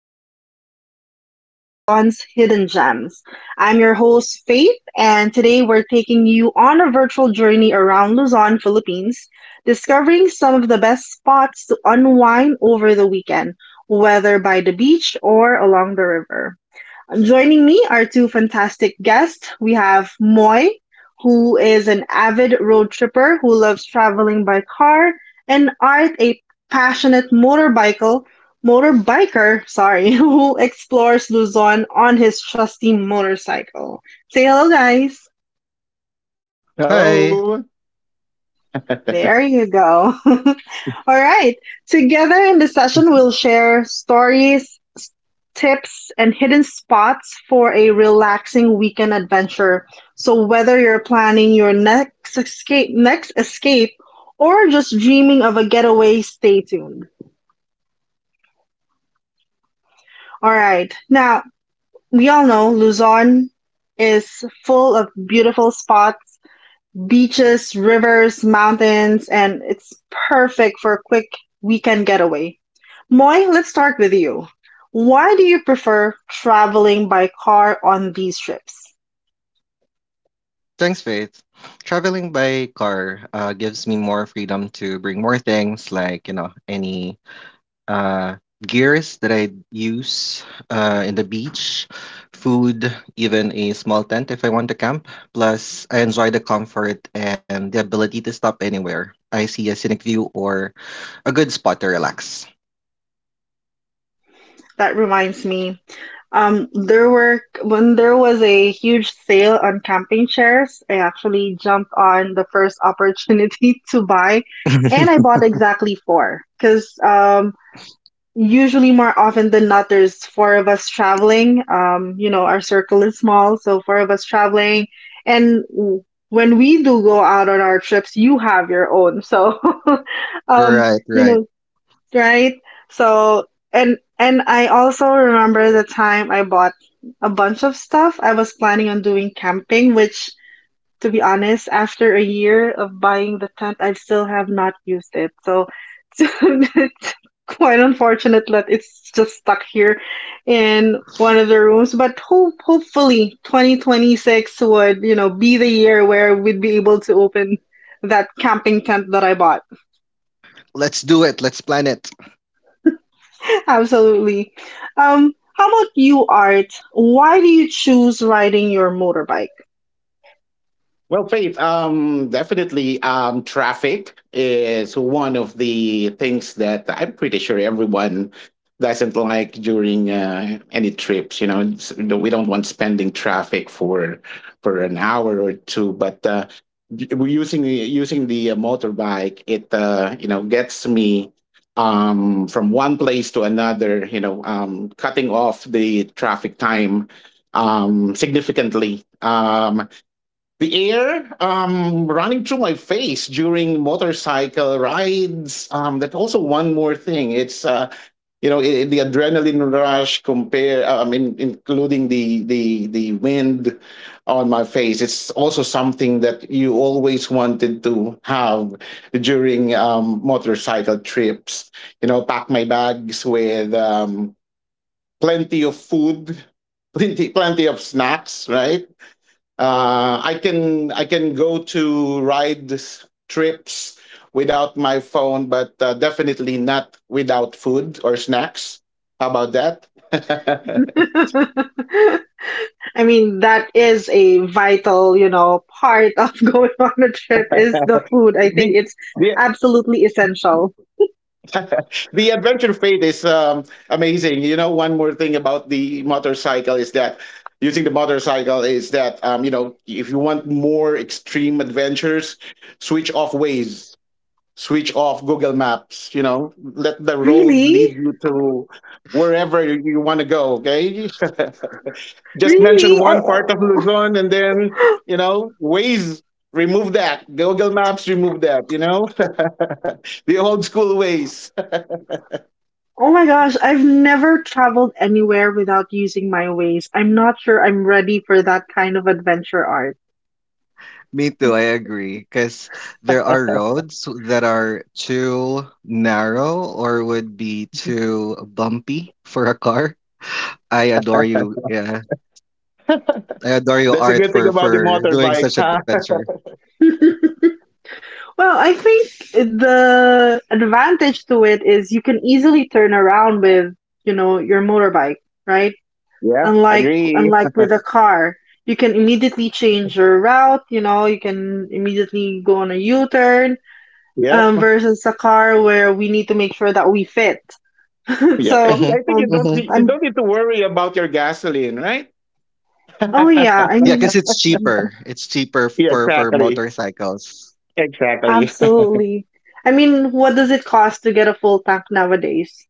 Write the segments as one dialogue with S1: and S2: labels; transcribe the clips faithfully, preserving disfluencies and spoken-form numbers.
S1: Escape Exploring Luzon's Hidden Gems. I'm your host, Faith, and today we're taking you on a virtual journey around Luzon, Philippines, discovering some of the best spots to unwind over the weekend, whether by the beach or along the river. Joining me are two fantastic guests. We have Moy, who is an avid road tripper who loves traveling by car, and Art, a passionate motorbiker, motorbiker, sorry, who explores Luzon on his trusty motorcycle. Say hello, guys.
S2: Hi,
S3: Hello.
S1: There you go. All right. Together in this session, we'll share stories, s- tips, and hidden spots for a relaxing weekend adventure. So whether you're planning your next escape, next escape, or just dreaming of a getaway, stay tuned. All right. Now, we all know Luzon is full of beautiful spots. Beaches, rivers, mountains, and it's perfect for a quick weekend getaway. Moy, let's start with you. Why do you prefer traveling by car on these trips?
S2: thanks, Faith. Traveling by car uh, gives me more freedom to bring more things like, you know, any uh, gears that I use uh, in the beach, food, even a small tent if I want to camp. Plus, I enjoy the comfort and the ability to stop anywhere. I see a scenic view or a good spot to relax.
S1: That reminds me, um, there were when there was a huge sale on camping chairs, I actually jumped on the first opportunity to buy, and I bought exactly four because usually, more often than not, there's four of us traveling. Um, you know, our circle is small, so four of us traveling. And w- when we do go out on our trips, you have your own. So, um,
S2: Right,
S1: you
S2: right.
S1: know, right? So, and and I also remember the time I bought a bunch of stuff. I was planning on doing camping, which, to be honest, after a year of buying the tent, I still have not used it. So it's quite unfortunate that it's just stuck here in one of the rooms. But hope, hopefully twenty twenty-six would, you know, be the year where we'd be able to open that camping tent that I bought.
S2: Let's do it. Let's plan it.
S1: Absolutely. Um, how about you, Art? Why do you choose riding your motorbike?
S3: Well, Faith, um, definitely, um, traffic is one of the things that I'm pretty sure everyone doesn't like during uh, any trips. You know, It's- we don't want spending traffic for for an hour or two, but uh, d- we're using the using the uh, motorbike, it uh, you know gets me um, from one place to another. You know, um, cutting off the traffic time um, significantly. Um, the air um, running through my face during motorcycle rides. Um, that's also one more thing. It's uh, you know I the adrenaline rush compare. I mean, including the the the wind on my face. It's also something that you always wanted to have during um, motorcycle trips. You know, pack my bags with um, plenty of food, plenty plenty of snacks, right? uh, I can I can go to ride trips without my phone, but uh, definitely not without food or snacks. How about that?
S1: I mean, that is a vital, you know, part of going on a trip is the food. I
S3: the
S1: think it's
S3: the
S1: absolutely essential.
S3: the adventure fate is um, amazing. You know, one more thing about the motorcycle is that using the motorcycle is that um, you know if you want more extreme adventures, switch off ways switch off Google Maps, you know, let the road
S1: Really?
S3: lead you to wherever you want to go, okay? Just mention
S1: Really? I,
S3: one part of Luzon and then, you know, Waze, remove that. Google Maps, remove that, you know? the old school ways.
S1: oh my gosh, I've never traveled anywhere without using my ways. I'm not sure I'm ready for that kind of adventure art.
S2: Me too, I agree. Because there are roads that are too narrow or would be too bumpy for a car. I adore you. Yeah. I adore you,
S3: That's a
S2: Art,
S3: good
S2: for
S3: thing about the
S2: for doing
S3: motorbike,
S2: such
S3: huh?
S2: adventure.
S1: Well, I think the advantage to it is you can easily turn around with, you know, your motorbike, right?
S3: Yep,
S1: Unlike
S3: agree.
S1: unlike with a car, you can immediately change your route, you know, you can immediately go on a U-turn,
S3: Yep,
S1: um, versus a car where we need to make sure that we fit.
S3: yep.
S1: So,
S3: And
S2: Hmm.
S3: I think you
S1: um,
S3: don't
S2: Hmm.
S3: need, you
S1: I'm,
S3: don't need to worry about your gasoline, right?
S1: oh yeah,
S3: Yeah,
S1: I
S2: Yeah, because
S1: mean,
S2: it's cheaper. It's cheaper for for
S3: exactly,
S2: motorcycles.
S3: exactly.
S1: absolutely. I mean, what does it cost to get a full tank nowadays?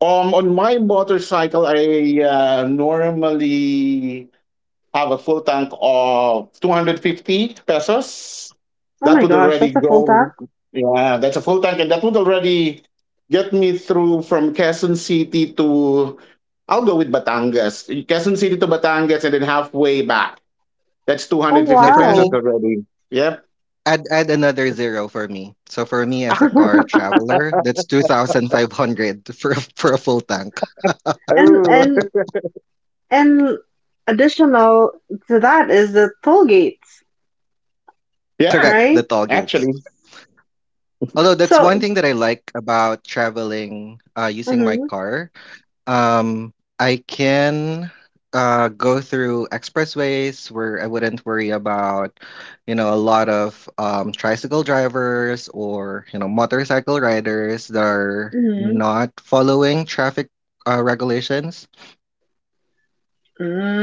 S3: Um, on my motorcycle, I uh, normally have a full tank of two hundred fifty pesos.
S1: Oh
S3: That
S1: my
S3: would
S1: gosh,
S3: already
S1: that's a full
S3: go.
S1: tank?
S3: Yeah, that's a full tank, and that would already get me through from Quezon City to. I'll go with Batangas. Quezon City to Batangas, and then halfway back. That's
S1: Oh
S2: Now
S3: two hundred fifty
S2: for
S3: pesos
S2: me,
S1: wow.
S3: already. Yep.
S2: add add another zero for me. So for me as a car traveler, that's two thousand five hundred for a- for a full tank.
S1: And
S3: Oh,
S1: and and additional to that is the toll gates,
S3: yeah.
S2: Correct, the
S1: right?
S2: toll gates.
S3: Actually,
S2: Although that's one
S1: So,
S2: thing that I like about traveling uh, using my
S1: mhm,
S2: car. Um, I can uh, go through expressways where I wouldn't worry about, you know, a lot of um, tricycle drivers or, you know, motorcycle riders that are
S1: mhm.
S2: not following traffic uh, regulations.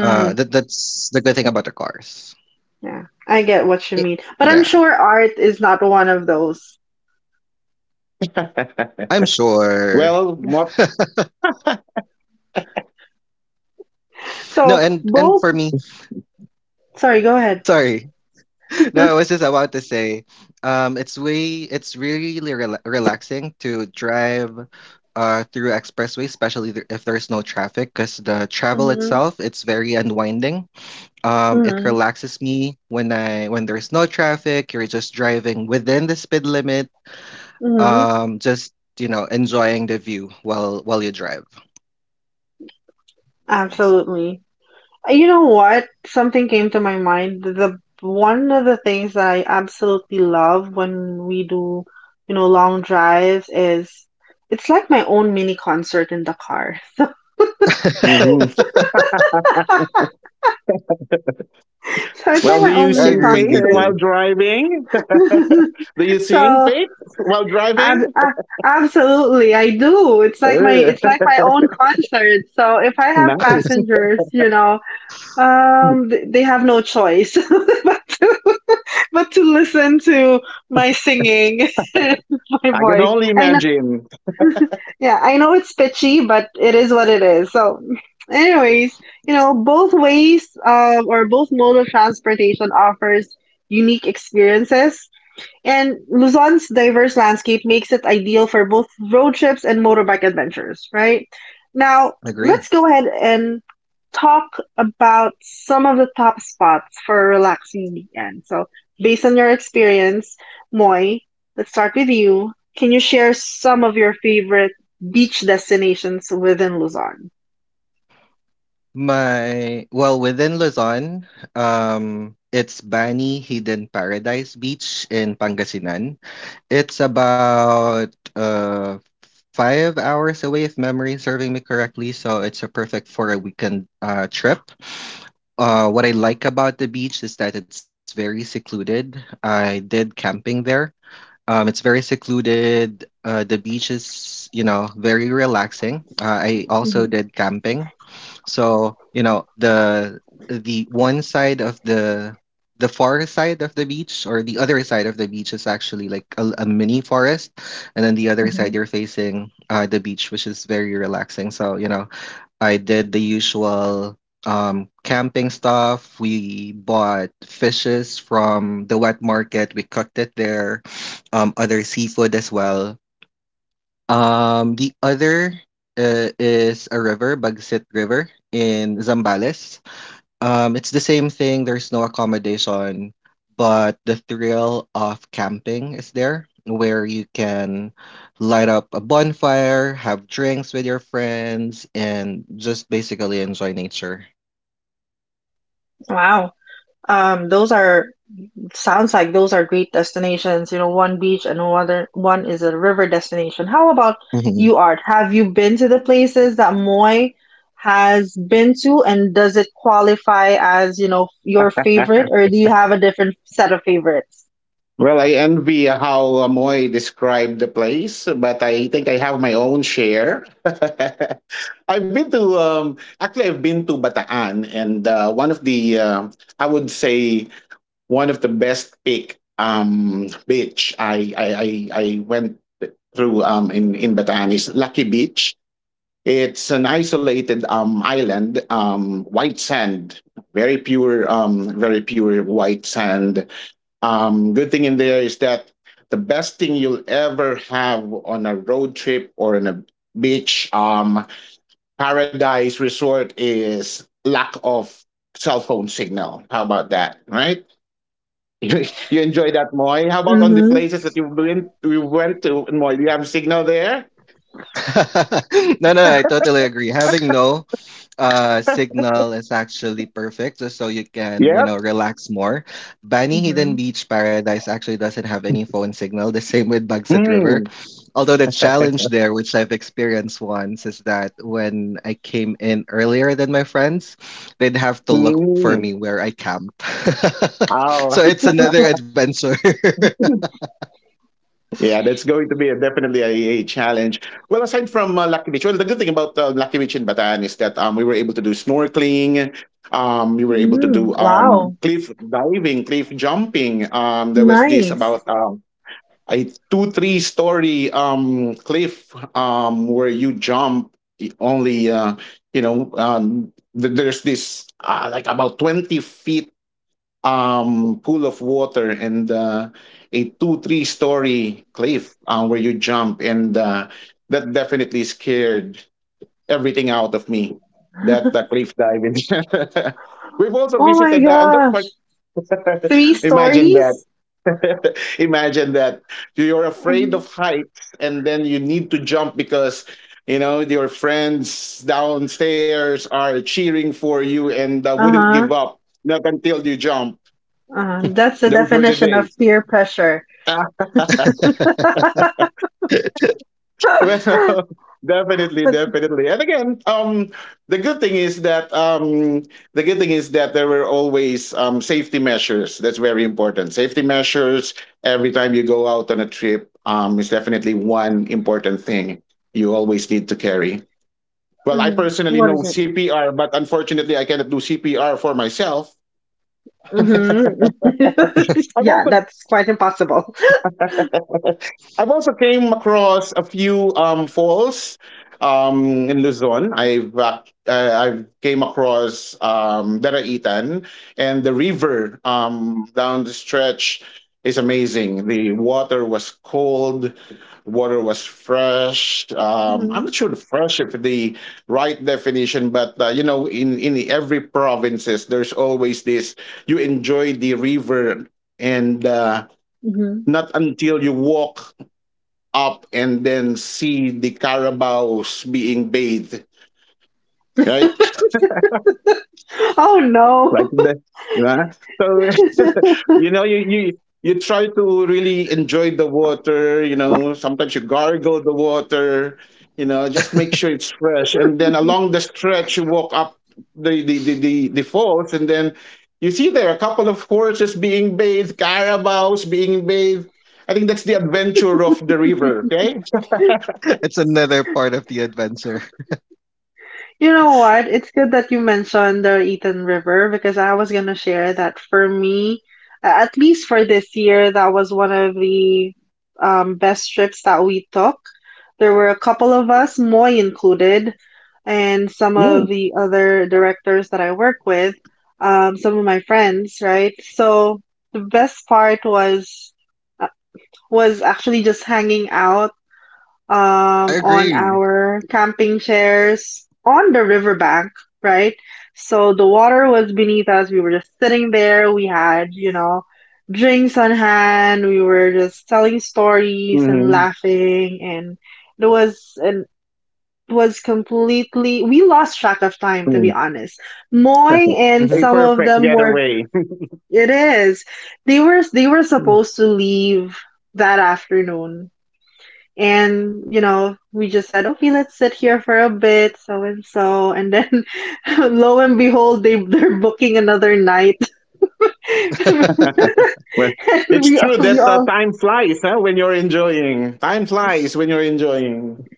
S2: Uh, that, that's the good thing about the cars.
S1: yeah, I get what you
S2: Y-
S1: mean. But I'm
S2: Yeah,
S1: sure art is not one of those.
S2: I'm sure.
S3: well, what?
S2: No,
S1: So
S2: and and
S1: both,
S2: for me,
S1: sorry, go ahead.
S2: sorry. No, I was just about to say, um, it's way, it's really rela relaxing to drive uh, through expressway, especially th if there's no traffic, because the travel
S1: Hmm.
S2: itself, it's very unwinding. Um, it
S1: Hmm.
S2: relaxes me when I when there's no traffic, you're just driving within the speed limit,
S1: Hmm.
S2: um, just you know, enjoying the view while while you drive.
S3: Nice.
S1: Absolutely. Uh, You know what? Something came to my mind. The one of the things that I absolutely love when we do, you know, long drives is it's like my own mini concert in the car.
S3: Hmm.
S1: So it's like
S3: Well, do
S1: my
S3: you
S1: own
S2: I
S1: mini
S3: sing,
S2: agree,
S3: Faith,
S2: me
S1: concert.
S3: while
S2: too.
S3: driving? Do you sing,
S1: So
S3: Faith, while
S1: Ab-
S3: driving?
S1: a- absolutely, I do. It's like my
S3: Uh,
S1: it's like my own concert. So if I have
S3: nice.
S1: passengers, you know, um, th- they have no choice but to but to listen to my singing, my
S3: I can
S1: voice.
S3: only
S1: I know,
S3: imagine.
S1: yeah, I know it's pitchy, but it is what it is. So, anyways, you know, both ways, um, or both mode of transportation offers unique experiences and Luzon's diverse landscape makes it ideal for both road trips and motorbike adventures, right? Now, let's
S2: Agree.
S1: go ahead and talk about some of the top spots for a relaxing weekend. So, based on your experience, Moy, let's start with you. Can you share some of your favorite beach destinations within Luzon?
S2: My Well, within Luzon, um, it's Bani Hidden Paradise Beach in Pangasinan. It's about uh five hours away, if memory is serving me correctly. So it's a perfect for a weekend uh trip. Uh, what I like about the beach is that it's very secluded. I did camping there. Um, it's very secluded. Uh, the beach is, you know, very relaxing. Uh, I also
S1: Mhm.
S2: did camping. So, you know, the the one side of the the far side of the beach or the other side of the beach is actually like a, a mini forest, and then the other side
S1: Mhm.
S2: you're facing uh, the beach, which is very relaxing. So, you know, I did the usual um camping stuff. We bought fishes from the wet market. We cooked it there, um, other seafood as well, um, the other uh, is a river, Bagsit River in Zambales. Um, it's the same thing. There's no accommodation, but the thrill of camping is there, where you can light up a bonfire, have drinks with your friends, and just basically enjoy nature.
S1: Wow. Um, those are sounds like those are great destinations. You know, one beach and another one is a river destination. How about you, Art? Have you been to the places that Moy has been to, and does it qualify as, you know, your favorite, or do you have a different set of favorites?
S3: Well, I envy how Amoy described the place, but I think I have my own share. I've been to, um, actually, I've been to Bataan, and uh, one of the, uh, I would say, one of the best pick um beach I I I, I went through um in in Batanes, Lucky Beach. It's an isolated um island, um white sand, very pure um very pure white sand. Um good thing in there is that the best thing you'll ever have on a road trip or in a beach um paradise resort is lack of cell phone signal. How about that, right? You enjoy that, Moy. How about on the
S1: Mm-hmm.
S3: places that you've been, you went to, Moy? Do you have signal there?
S2: No, no, I totally agree. Having no uh signal is actually perfect just so you can, you
S3: Yep.
S2: know, relax more. Bani
S1: Mm-hmm.
S2: Hidden Beach Paradise actually doesn't have any phone signal, the same with Bagset River.
S3: Hmm.
S2: Although the challenge there, which I've experienced once, is that when I came in earlier than my friends, they'd have to look for me
S3: Hmm.
S2: where I camped. So
S3: Oh.
S2: it's another adventure.
S3: Yeah, that's going to be a, definitely a, a challenge. Well, aside from uh, Lucky Beach, well, the good thing about uh, Lucky Beach in Bataan is that um, we were able to do snorkeling. Um, we were able to
S1: Mm-hmm.
S3: do um,
S1: Wow.
S3: cliff diving, cliff jumping. Um, there was this
S1: Nice.
S3: about um, I two three story um cliff um where you jump i- only uh you know um th- there's this uh, like about twenty feet um pool of water and uh, a two three story cliff uh, where you jump and uh, that definitely scared everything out of me that the cliff diving we've also
S1: Oh my
S3: visited uh, on that
S1: gosh. Three
S3: Imagine that.
S1: stories?
S3: Imagine that you're afraid of
S1: Mhm.
S3: heights and then you need to jump because you know your friends downstairs are cheering for you and uh, wouldn't
S1: Uh-huh.
S3: give up not until you jump.
S1: Uh-huh. That's the
S3: Those were the
S1: definition of
S3: days.
S1: peer pressure.
S3: Well, definitely, definitely. And again, um, the good thing is that um, the good thing is that there were always um, safety measures. That's very important. Safety measures every time you go out on a trip um, is definitely one important thing you always need to carry. Well, I
S1: Hmm.
S3: personally
S1: What
S3: know
S1: is it?
S3: C P R, but unfortunately, I cannot do C P R for myself.
S1: Hmm.
S3: I'm
S1: Yeah,
S3: also
S1: that's quite impossible.
S3: I've also came across a few um, falls um, in Luzon. I've uh, uh, I've came across um, Daraitan and the river um, down the stretch is amazing. The water was cold, water was fresh. Um, I'm
S1: Hmm.
S3: not sure the fresh if the right definition, but uh, you know, in in every provinces, there's always this. You enjoy the river and. Uh,
S1: Hmm.
S3: not until you walk up and then see the carabaos being bathed, right?
S1: Oh no.
S3: Like the, yeah. So, you know, you, you, you try to really enjoy the water, you know, sometimes you gargle the water, you know, just make sure it's fresh. And then along the stretch, you walk up the, the, the, the, the falls and then you see there are a couple of horses being bathed, carabaos being bathed. I think that's the adventure of the river, okay?
S2: It's another part of the adventure.
S1: You know what? It's good that you mentioned the Eaton River because I was gonna share that for me, a- at least for this year, that was one of the um, best trips that we took. There were a couple of us, Moy included, and some of
S3: Mm.
S1: the other directors that I work with, um, some of my friends, right? So the best part was uh, was actually just hanging out um,
S2: I
S1: on
S2: agree.
S1: our camping chairs on the riverbank, right? So the water was beneath us. We were just sitting there. We had, you know, drinks on hand. We were just telling stories and
S3: Mhm.
S1: laughing, and it was and it was completely. We lost track of time, to be honest.
S2: Mhm.
S1: Moy and
S3: A
S1: some of
S3: perfect
S1: them were.
S3: getaway.
S1: It is. They were they were supposed to leave that afternoon and you know we just said okay let's sit here for a bit so and so and then lo and behold they they're booking another night and
S3: Well, it's
S1: we
S3: true
S1: all,
S3: that
S1: we
S3: uh,
S1: all
S3: time flies huh, when you're enjoying. Time flies when you're enjoying.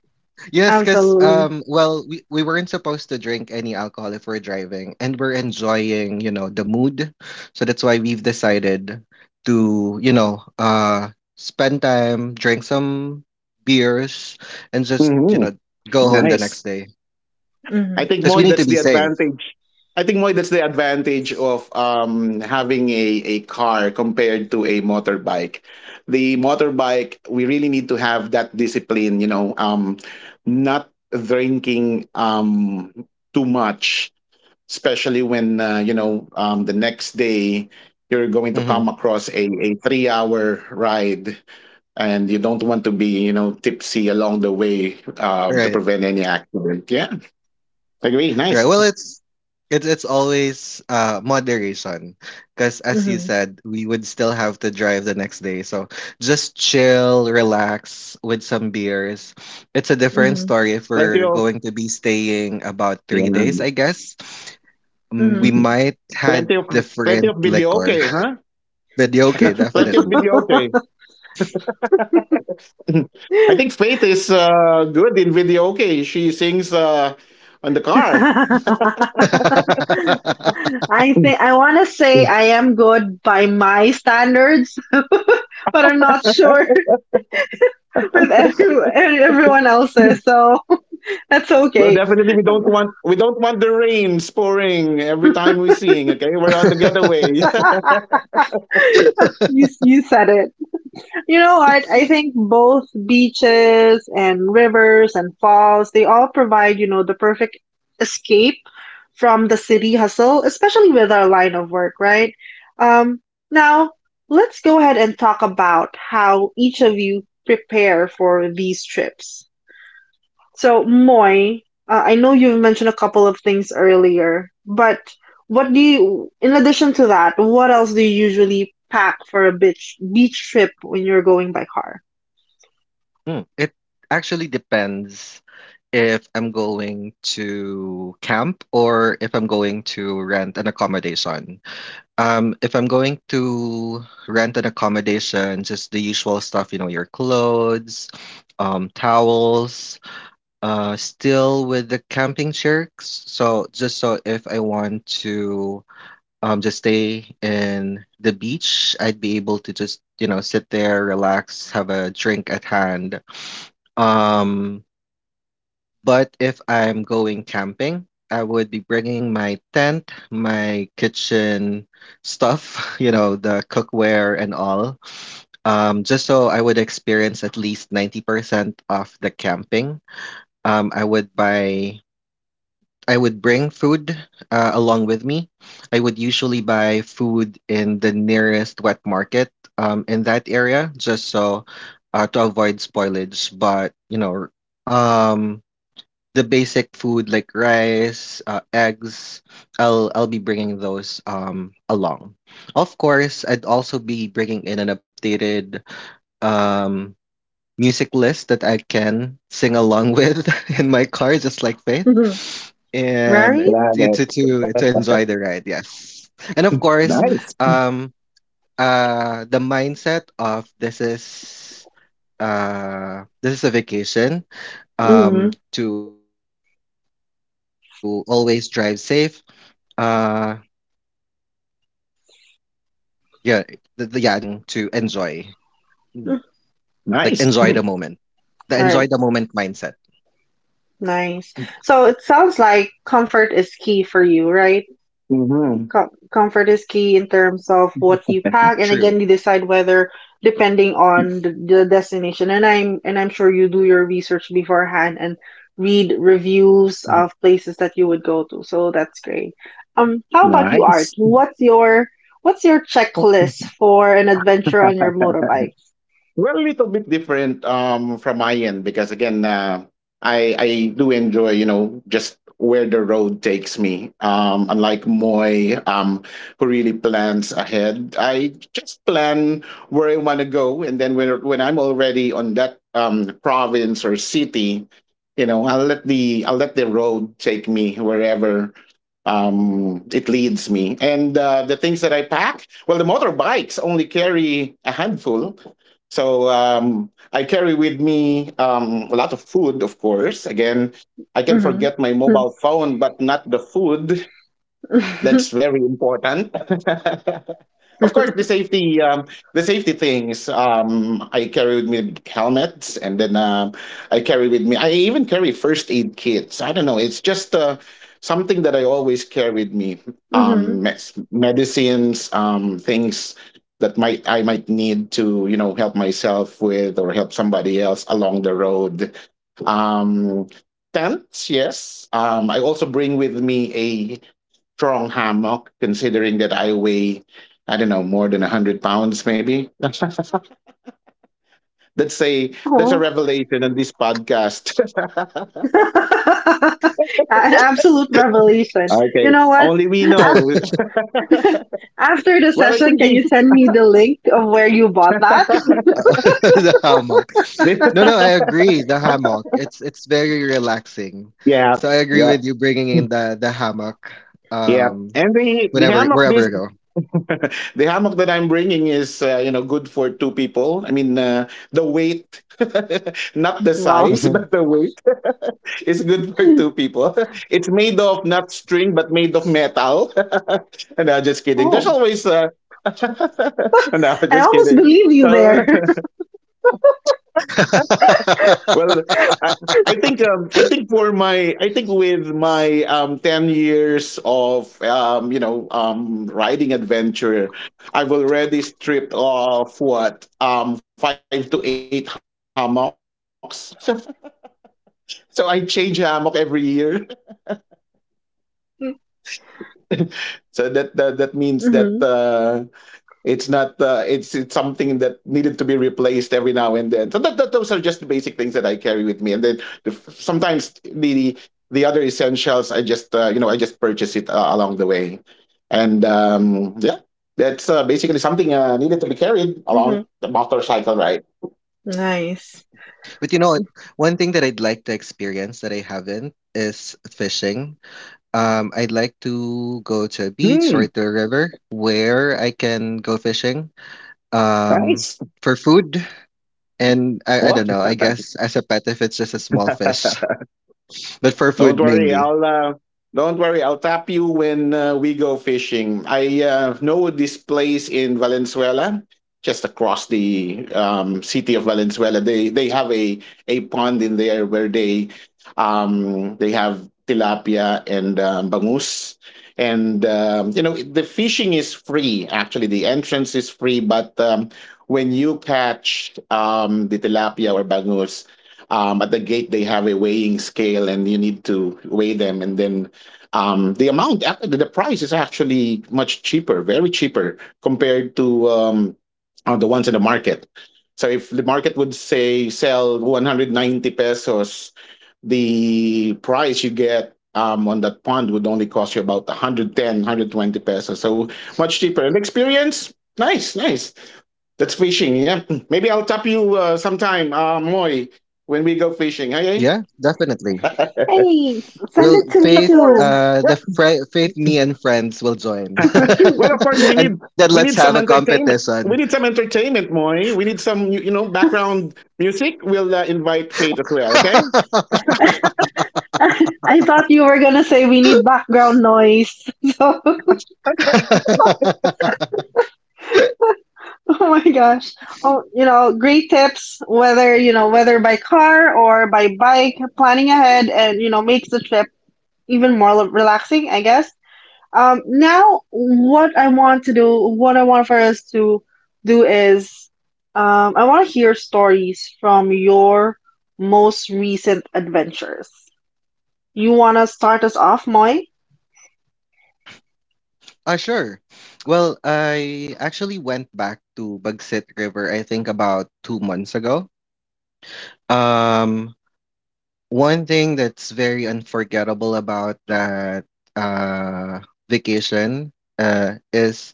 S2: Yes, because
S1: absolutely.
S2: um, well, we, we weren't supposed to drink any alcohol if we're driving, and we're enjoying, you know, the mood. So that's why we've decided to, you know, uh, spend time, drink some beers, and just, you
S3: Hmm.
S2: know, go home the
S3: Nice.
S2: next day
S3: I
S1: Mhm.
S3: think
S2: because
S3: Moy,
S2: we need
S3: that's
S2: to
S3: the
S2: be safe.
S3: advantage. I think, Moy, that's the advantage of um, having a, a car compared to a motorbike. The motorbike, we really need to have that discipline, you know, um, not drinking um, too much especially when uh, you know um, the next day you're going to
S2: Mm-hmm.
S3: come across a, a three hour ride and you don't want to be you know tipsy along the way um, to
S2: Right.
S3: prevent any accident yeah agree
S2: Right.
S3: nice
S2: Well, it's it's it's always uh moderation because as you
S1: Mhm.
S2: said, we would still have to drive the next day. So just chill, relax with some beers. It's a different
S1: Mhm.
S2: story if
S3: plenty
S2: we're
S3: of
S2: going to be staying about
S3: yeah
S2: three days, I guess. Mm, We
S1: Mhm.
S2: might had
S3: plenty of plenty
S2: different
S3: of video
S2: liquor,
S3: okay huh
S2: but yeah, okay,
S3: plenty of
S2: definitely.
S3: video okay I think Faith is uh, good in video okay she sings uh, on the car
S1: I think I want to say I am good by my standards but I'm not sure with every, everyone else's, so that's
S3: Well,
S1: okay.
S3: definitely we don't want we don't want the rain pouring every time we sing. Okay, we're on the getaway.
S1: You you said it. You know what? I think both beaches and rivers and falls, they all provide, you know, the perfect escape from the city hustle, especially with our line of work, right? Um, now let's go ahead and talk about how each of you prepare for these trips. So, Moy, uh, I know you've mentioned a couple of things earlier, but what do you, in addition to that, what else do you usually pack for a beach beach trip when you're going by car?
S2: Mm, it actually depends if I'm going to camp or if I'm going to rent an accommodation. Um, if I'm going to rent an accommodation, just the usual stuff, you know, your clothes, um, towels, uh, still with the camping shirts. So just so if I want to um, just stay in the beach, I'd be able to just, you know, sit there, relax, have a drink at hand, um, but if I'm going camping, I would be bringing my tent, my kitchen stuff, you know, the cookware and all, um, just so I would experience at least ninety percent of the camping. Um, I would buy, I would bring food uh, along with me. I would usually buy food in the nearest wet market um, in that area, just so uh, to avoid spoilage. But, you know, um, the basic food like rice, uh, eggs, I'll I'll be bringing those um along. Of course, I'd also be bringing in an updated um music list that I can sing along with in my car, just like Faith,
S1: Mhm.
S2: and
S1: Right?
S2: it-
S3: Love
S2: it- to to to
S3: it.
S2: enjoy the ride. Yes, and of course,
S1: Hmm.
S3: Nice,
S2: um, uh, the mindset of this is uh this is a vacation
S1: Hmm.
S2: um to always drive safe, uh, yeah, the, the, yeah, that's it. The, the the mindset of having to enjoy, like enjoy the moment,
S3: nice,
S2: the enjoy the moment
S1: All right,
S2: mindset.
S1: nice. So it sounds like comfort is key for you, right?
S3: hmm
S1: Com- Comfort is key in
S2: True.
S1: terms of what you pack, and again, you decide whether, depending on the, the destination. And I'm and I'm sure you do your research beforehand and read
S2: Mhm.
S1: reviews of places that you would go to. So that's great. Um, how about you, Art?
S3: nice.
S1: What's your what's your checklist for an adventure on your motorbike?
S3: Well, a little bit different um, from my end because again, uh, I I do enjoy you know just where the road takes me. Um, unlike Moy, um, who really plans ahead, I just plan where I want to go, and then when when I'm already on that um, province or city, you know, I'll let the I'll let the road take me wherever um it leads me and uh, the things that I pack well the motorbikes only carry a handful so um, I carry with me um, a lot of food, of course. Again, I can
S1: Mm-hmm.
S3: forget my mobile phone, but not the food. That's very important. Of course, the safety, um, the safety things. Um, I carry with me helmets, and then um, I carry with me. I even carry first aid kits. I don't know. It's just uh, something that I always carry with me. Um,
S1: Mm-hmm.
S3: mes- medicines, um, things that might I might need to you know help myself with or help somebody else along the road. Um, tents, yes. Um, I also bring with me a strong hammock, considering that I weigh, I don't know, more than a hundred pounds, maybe. that's a that's a
S1: Oh.
S3: revelation on this podcast.
S1: An absolute revelation.
S3: Okay,
S1: You know what?
S3: only we know.
S1: After the
S3: Well, I
S1: session,
S3: think
S1: can
S3: the,
S1: you send me the link of where you bought that?
S2: The hammock. No, no, I
S3: the
S2: agree. The hammock. It's it's very relaxing.
S3: yeah.
S2: So I agree
S3: Yeah,
S2: with you bringing in the the hammock.
S3: yeah,
S2: Um,
S3: and the the
S2: whenever
S3: hammock
S2: Wherever
S3: this
S2: you go.
S3: the hammock that I'm bringing is, uh, you know, good for two people. I mean, uh, the weight, not the
S1: Wow.
S3: size, but the weight is good for two people. It's made of not string, but made of metal. No, just kidding. There's
S1: Oh,
S3: always, uh, no,
S1: I
S3: just
S1: almost
S3: kidding.
S1: believe you
S3: So
S1: there.
S3: Well, I, I think um, I think for my I think with my um, ten years of um, you know um, riding adventure, I've already stripped off what um, five to eight hammocks. So so I change hammock every year. So that that, that means that.
S1: Hmm.
S3: Uh, It's not uh, it's it's something that needed to be replaced every now and then. So that, that those are just the basic things that I carry with me, and then the, sometimes the, the the other essentials I just uh, you know I just purchase it uh, along the way, and um, yeah, that's uh, basically something uh, needed to be carried
S1: Hmm.
S3: along the motorcycle ride.
S1: Nice.
S2: But you know what? One thing that I'd like to experience that I haven't is fishing. Um, I'd like to go to a beach or
S3: Hmm.
S2: to a river where I can go fishing um,
S3: Nice.
S2: for food. And I, I don't know, I guess as a pet, if it's just a small fish, but for
S3: Don't
S2: food
S3: worry,
S2: mainly.
S3: I'll uh, don't worry, I'll tap you when uh, we go fishing. I uh, know this place in Valenzuela, just across the um, city of Valenzuela. They they have a a pond in there where they um, they have tilapia and um, bangus. And um, you know the fishing is free. Actually, the entrance is free, but um, when you catch um, the tilapia or bangus. Um, at the gate they have a weighing scale and you need to weigh them, and then um, the amount ac- the price is actually much cheaper, very cheaper compared to um, uh, the ones in the market. So if the market would say sell one hundred ninety pesos, the price you get um, on that pond would only cost you about one hundred ten, one hundred twenty pesos, so much cheaper. And experience, nice, nice, that's fishing. Yeah. Maybe I'll tap you uh, sometime, uh, Moy, when we go fishing. Okay.
S2: Yeah, definitely.
S1: Hey,
S3: But
S1: send it
S2: Well,
S1: to
S3: and
S1: me
S3: of
S2: Faith,
S3: course,
S1: too.
S2: uh,
S3: yeah.
S2: the fri Faith, me and friends will join.
S3: Well, of course, we need
S2: And then
S3: we
S2: let's
S3: need
S2: have
S3: some
S2: a
S3: entertainment. We
S2: competition.
S3: need some entertainment, Moy. We need some you you know background music. We'll uh, invite Faith as well. Okay.
S1: I thought you were gonna say we need background noise. So, oh my gosh. Oh, you know, great tips, whether, you know, whether by car or by bike, planning ahead and, you know, makes the trip even more relaxing, I guess. Um, now, what I want to do, what I want for us to do is, um, I want to hear stories from your most recent adventures. You want to start us off, Moy?
S2: Ah, sure. Well, I actually went back to Bagsik River, I think about two months ago. Um, one thing that's very unforgettable about that uh, vacation uh, is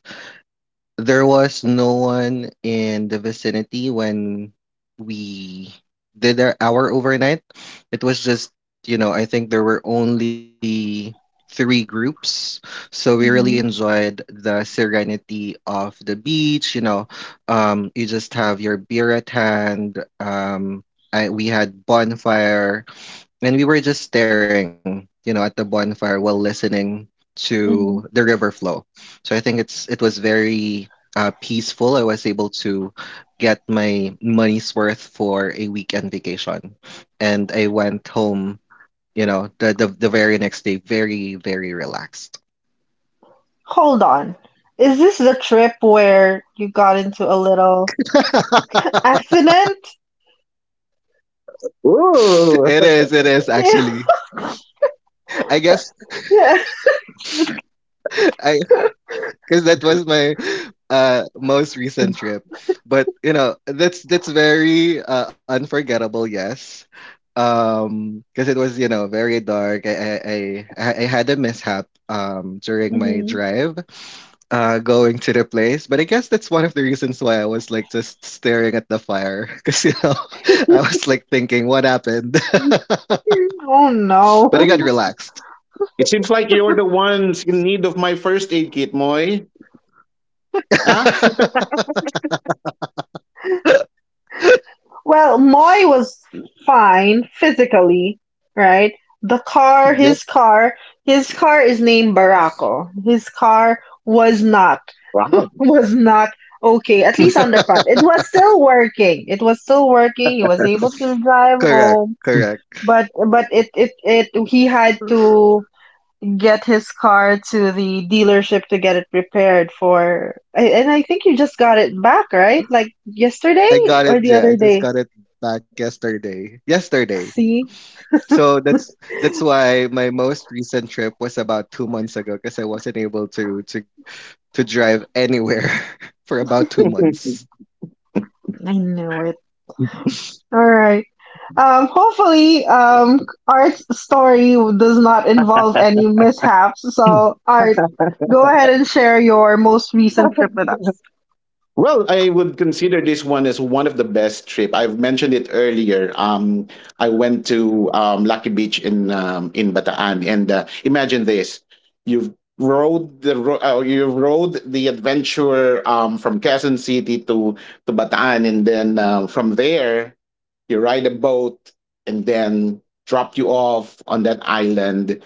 S2: there was no one in the vicinity when we did our, our overnight. It was just, you know, I think there were only three groups. So we really
S1: Mm-hmm.
S2: enjoyed the serenity of the beach, you know. Um, you just have your beer at hand. Um, I, we had bonfire and we were just staring, you know, at the bonfire while listening to
S1: Mm-hmm.
S2: the river flow. So I think it's it was very, uh, peaceful. I was able to get my money's worth for a weekend vacation, and I went home, you know, the the, the very next day, very very relaxed.
S1: Hold on. Is this the trip where you got into a little accident?
S2: It is, it
S3: Ooh.
S2: is actually. I guess
S1: Yeah.
S2: I because that was my uh most recent trip, but you know that's that's very uh, unforgettable, yes, um because it was, you know very dark. I, I i i I had a mishap um during my
S1: Mm-hmm.
S2: drive uh going to the place, but I guess that's one of the reasons why I was, like, just staring at the fire because you know I was, like, thinking what happened.
S1: Oh no.
S2: But I
S3: Well,
S2: got
S3: you-
S2: relaxed.
S3: it seems like you're the ones in need of my first aid kit, Moy. Huh?
S1: Well, Moy was fine physically, right? The car,
S2: Yep.
S1: his car, his car is named Barako. His car was not
S3: Wow.
S1: was not okay, at least on the front. It was still working. It was still working. He was able to drive
S2: Correct,
S1: home,
S2: correct.
S1: but but it it it he had to get his car to the dealership to get it repaired for and I think you just got it back, right? Like
S2: I
S1: yesterday
S2: got
S1: or the
S2: it.
S1: other
S2: Yeah, I
S1: day.
S2: just got it back yesterday. Yesterday.
S1: See?
S2: So that's that's why my most recent trip was about two months ago because I wasn't able to to to drive anywhere for about two months.
S1: I knew it. All right. Um, hopefully, um, Art's story does not involve any mishaps. So, Art, go ahead and share your most recent trip with us.
S3: Well, I would consider this one as one of the best trip. I've mentioned it earlier. Um, I went to um, Lucky Beach in um, in Bataan, and uh, imagine this: you've rode the ro- uh, you rode the adventure um, from Quezon City to to Bataan, and then uh, from there you ride a boat, and then drop you off on that island,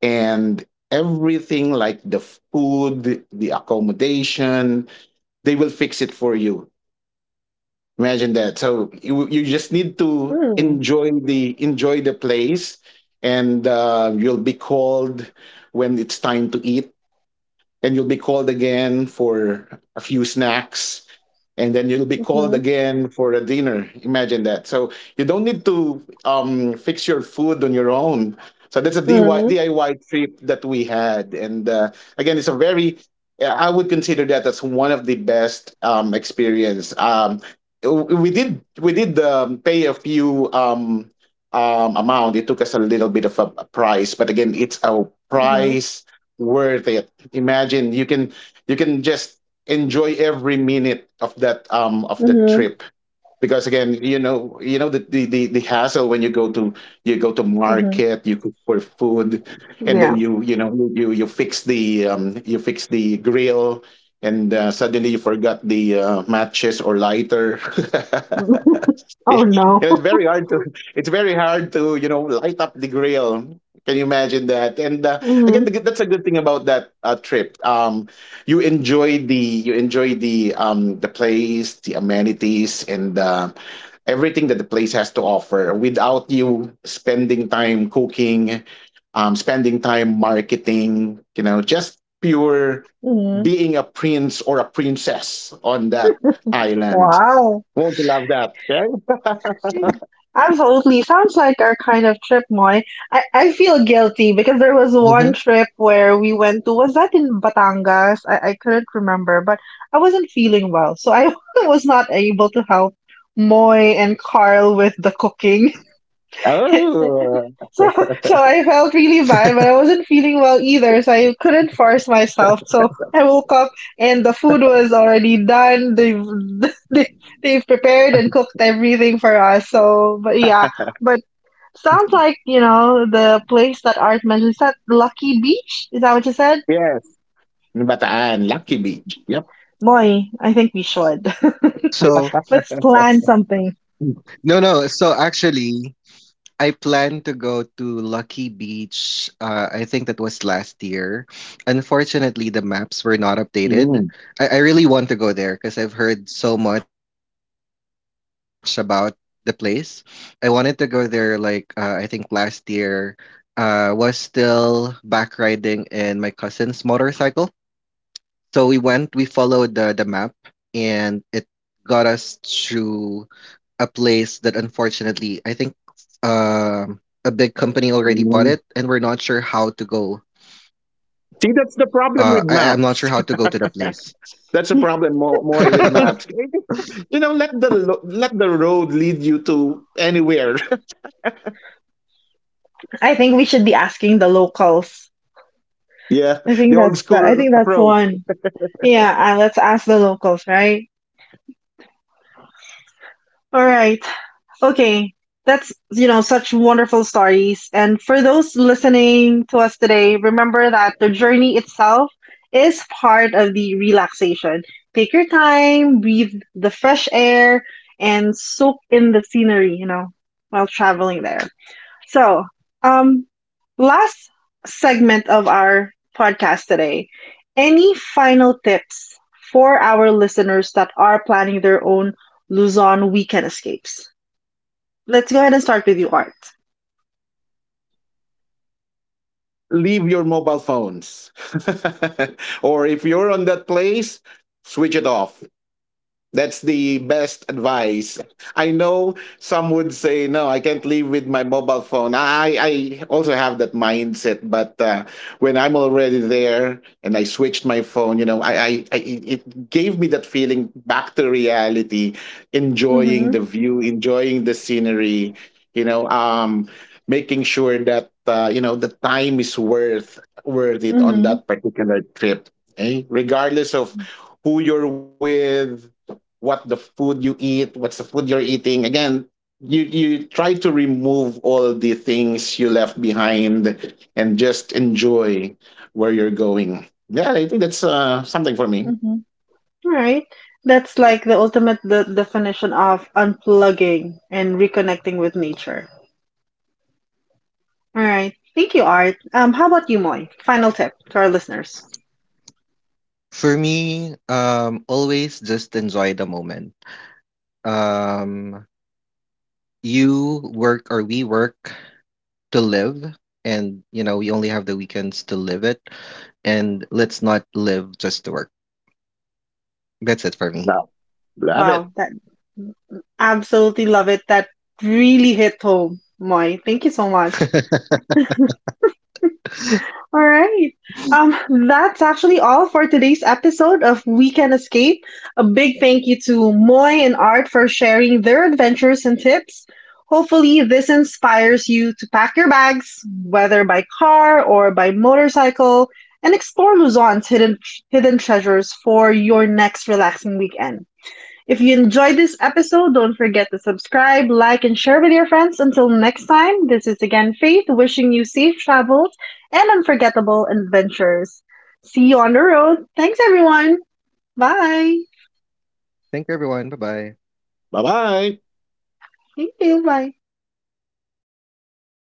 S3: and everything like the food, the accommodation, they will fix it for you. Imagine that. So you you just need to
S1: Hmm.
S3: enjoy the enjoy the place, and uh, you'll be called when it's time to eat, and you'll be called again for a few snacks, and then you'll be called
S1: Mm-hmm.
S3: again for a dinner. Imagine that. So you don't need to um, fix your food on your own. So that's a
S1: Mm-hmm.
S3: D I Y trip that we had. And uh, again it's a very I would consider that as one of the best um, experience. Um, w- we did we did um, pay a few um, um, amount. It took us a little bit of a, a price, but again it's a
S1: Mm-hmm.
S3: price worth it. Imagine you can you can just enjoy every minute of that um of the
S1: Mm-hmm.
S3: trip. Because again, you know, you know the, the the the hassle when you go to you go to
S1: Mm-hmm.
S3: market, you cook for food, and
S1: Yeah.
S3: then you you know you you fix the um you fix the grill, and uh, suddenly you forgot the uh, matches or lighter.
S1: Oh
S3: It-
S1: no.
S3: it's very hard to it's very hard to you know light up the grill. Can you imagine that? And uh, again
S1: Mm-hmm.
S3: the, good- that's a good thing about that uh, trip. Um, you enjoy the you enjoy the um the place, the amenities, and uh, everything that the place has to offer, without you spending time cooking, um, spending time marketing. You know, just pure
S1: Mm-hmm.
S3: being a prince or a princess on that island.
S1: Wow.
S3: Won't you love that? Yeah?
S1: Absolutely. Sounds like our kind of trip, Moy. I, I feel guilty because there was one trip
S2: hmm
S1: where we went to, was that in Batangas? I, I couldn't remember, but I wasn't feeling well. So I was not able to help Moy and Carl with the cooking.
S3: Oh,
S1: So, so I felt really bad, but I wasn't feeling well either, so I couldn't force myself. So I woke up and the food was already done. They've, they, they've prepared and cooked everything for us. So, but yeah, but sounds like, you know, the place that Art mentioned. Is that Lucky Beach? Is that what you said?
S3: yes. Bataan, Lucky Beach. Yep.
S1: Boy, I think we should.
S2: So
S1: Let's plan something.
S2: no, no. So actually, I plan to go to Lucky Beach. Uh, I think that was last year. Unfortunately, the maps were not updated.
S3: Mm,
S2: I, I really want to go there because I've heard so much about the place. I wanted to go there like uh, I think last year. Uh, was still back riding in my cousin's motorcycle. So we went. We followed the the map, and it got us to a place that unfortunately I think um a big company already bought it
S3: mm.
S2: and we're not sure how to go.
S3: See, that's the problem with
S2: uh
S3: map.
S2: I, I'm not sure how to go to the place.
S3: That's a problem more, more with maps. You know, let the lo- let the road lead you to anywhere.
S1: I think we should be asking the locals.
S3: Yeah,
S1: I think
S3: the old
S1: that's the I
S3: school
S1: think that's the
S3: approach.
S1: one. Yeah, uh, let's ask the locals, right? All right. Okay. That's, you know, such wonderful stories. And for those listening to us today, remember that the journey itself is part of the relaxation. Take your time, breathe the fresh air, and soak in the scenery, you know, while traveling there. So, um, last segment of our podcast today. Any final tips for our listeners that are planning their own Luzon weekend escapes? Let's go ahead and start with you, Art.
S3: Leave your mobile phones, or if you're on that place, switch it off. That's the best advice. I know some would say, no, I can't live with my mobile phone. I, I also have that mindset, but uh, when I'm already there and I switched my phone, you know, I, I, I it it gave me that feeling back to reality, enjoying the
S1: Mm-hmm,
S3: view, enjoying the scenery, you know, um, making sure that uh, you know the time is worth worth it on
S1: mm-hmm,
S3: that particular trip. Eh? Regardless of who you're with, what the food you eat, what's the food you're eating. Again, you you try to remove all the things you left behind and just enjoy where you're going. Yeah, I think that's uh, something for me.
S1: mm-hmm. All right. That's like the ultimate the definition of unplugging and reconnecting with nature. All right. Thank you, Art. Um, how about you, Moy? Final tip to our listeners.
S2: For me, um always just enjoy the moment. um you work or we work to live, and you know we only have the weekends to live it, and let's not live just to work.
S3: Now,
S2: That's it
S3: love
S2: for
S3: it.
S1: Wow,
S2: me.
S1: that absolutely love it. That really hit home, Moy. Thank you so much. All right. Um, that's actually all for today's episode of Weekend Escape. A big thank you to Moy and Art for sharing their adventures and tips. Hopefully, this inspires you to pack your bags, whether by car or by motorcycle, and explore Luzon's hidden, hidden treasures for your next relaxing weekend. If you enjoyed this episode, don't forget to subscribe, like, and share with your friends. Until next time, this is again Faith wishing you safe travels and unforgettable adventures. See you on the road. Thanks, everyone. Bye.
S2: Thank you,
S3: Bye
S2: everyone. Bye
S3: bye.
S2: bye.
S1: Thank you. Bye.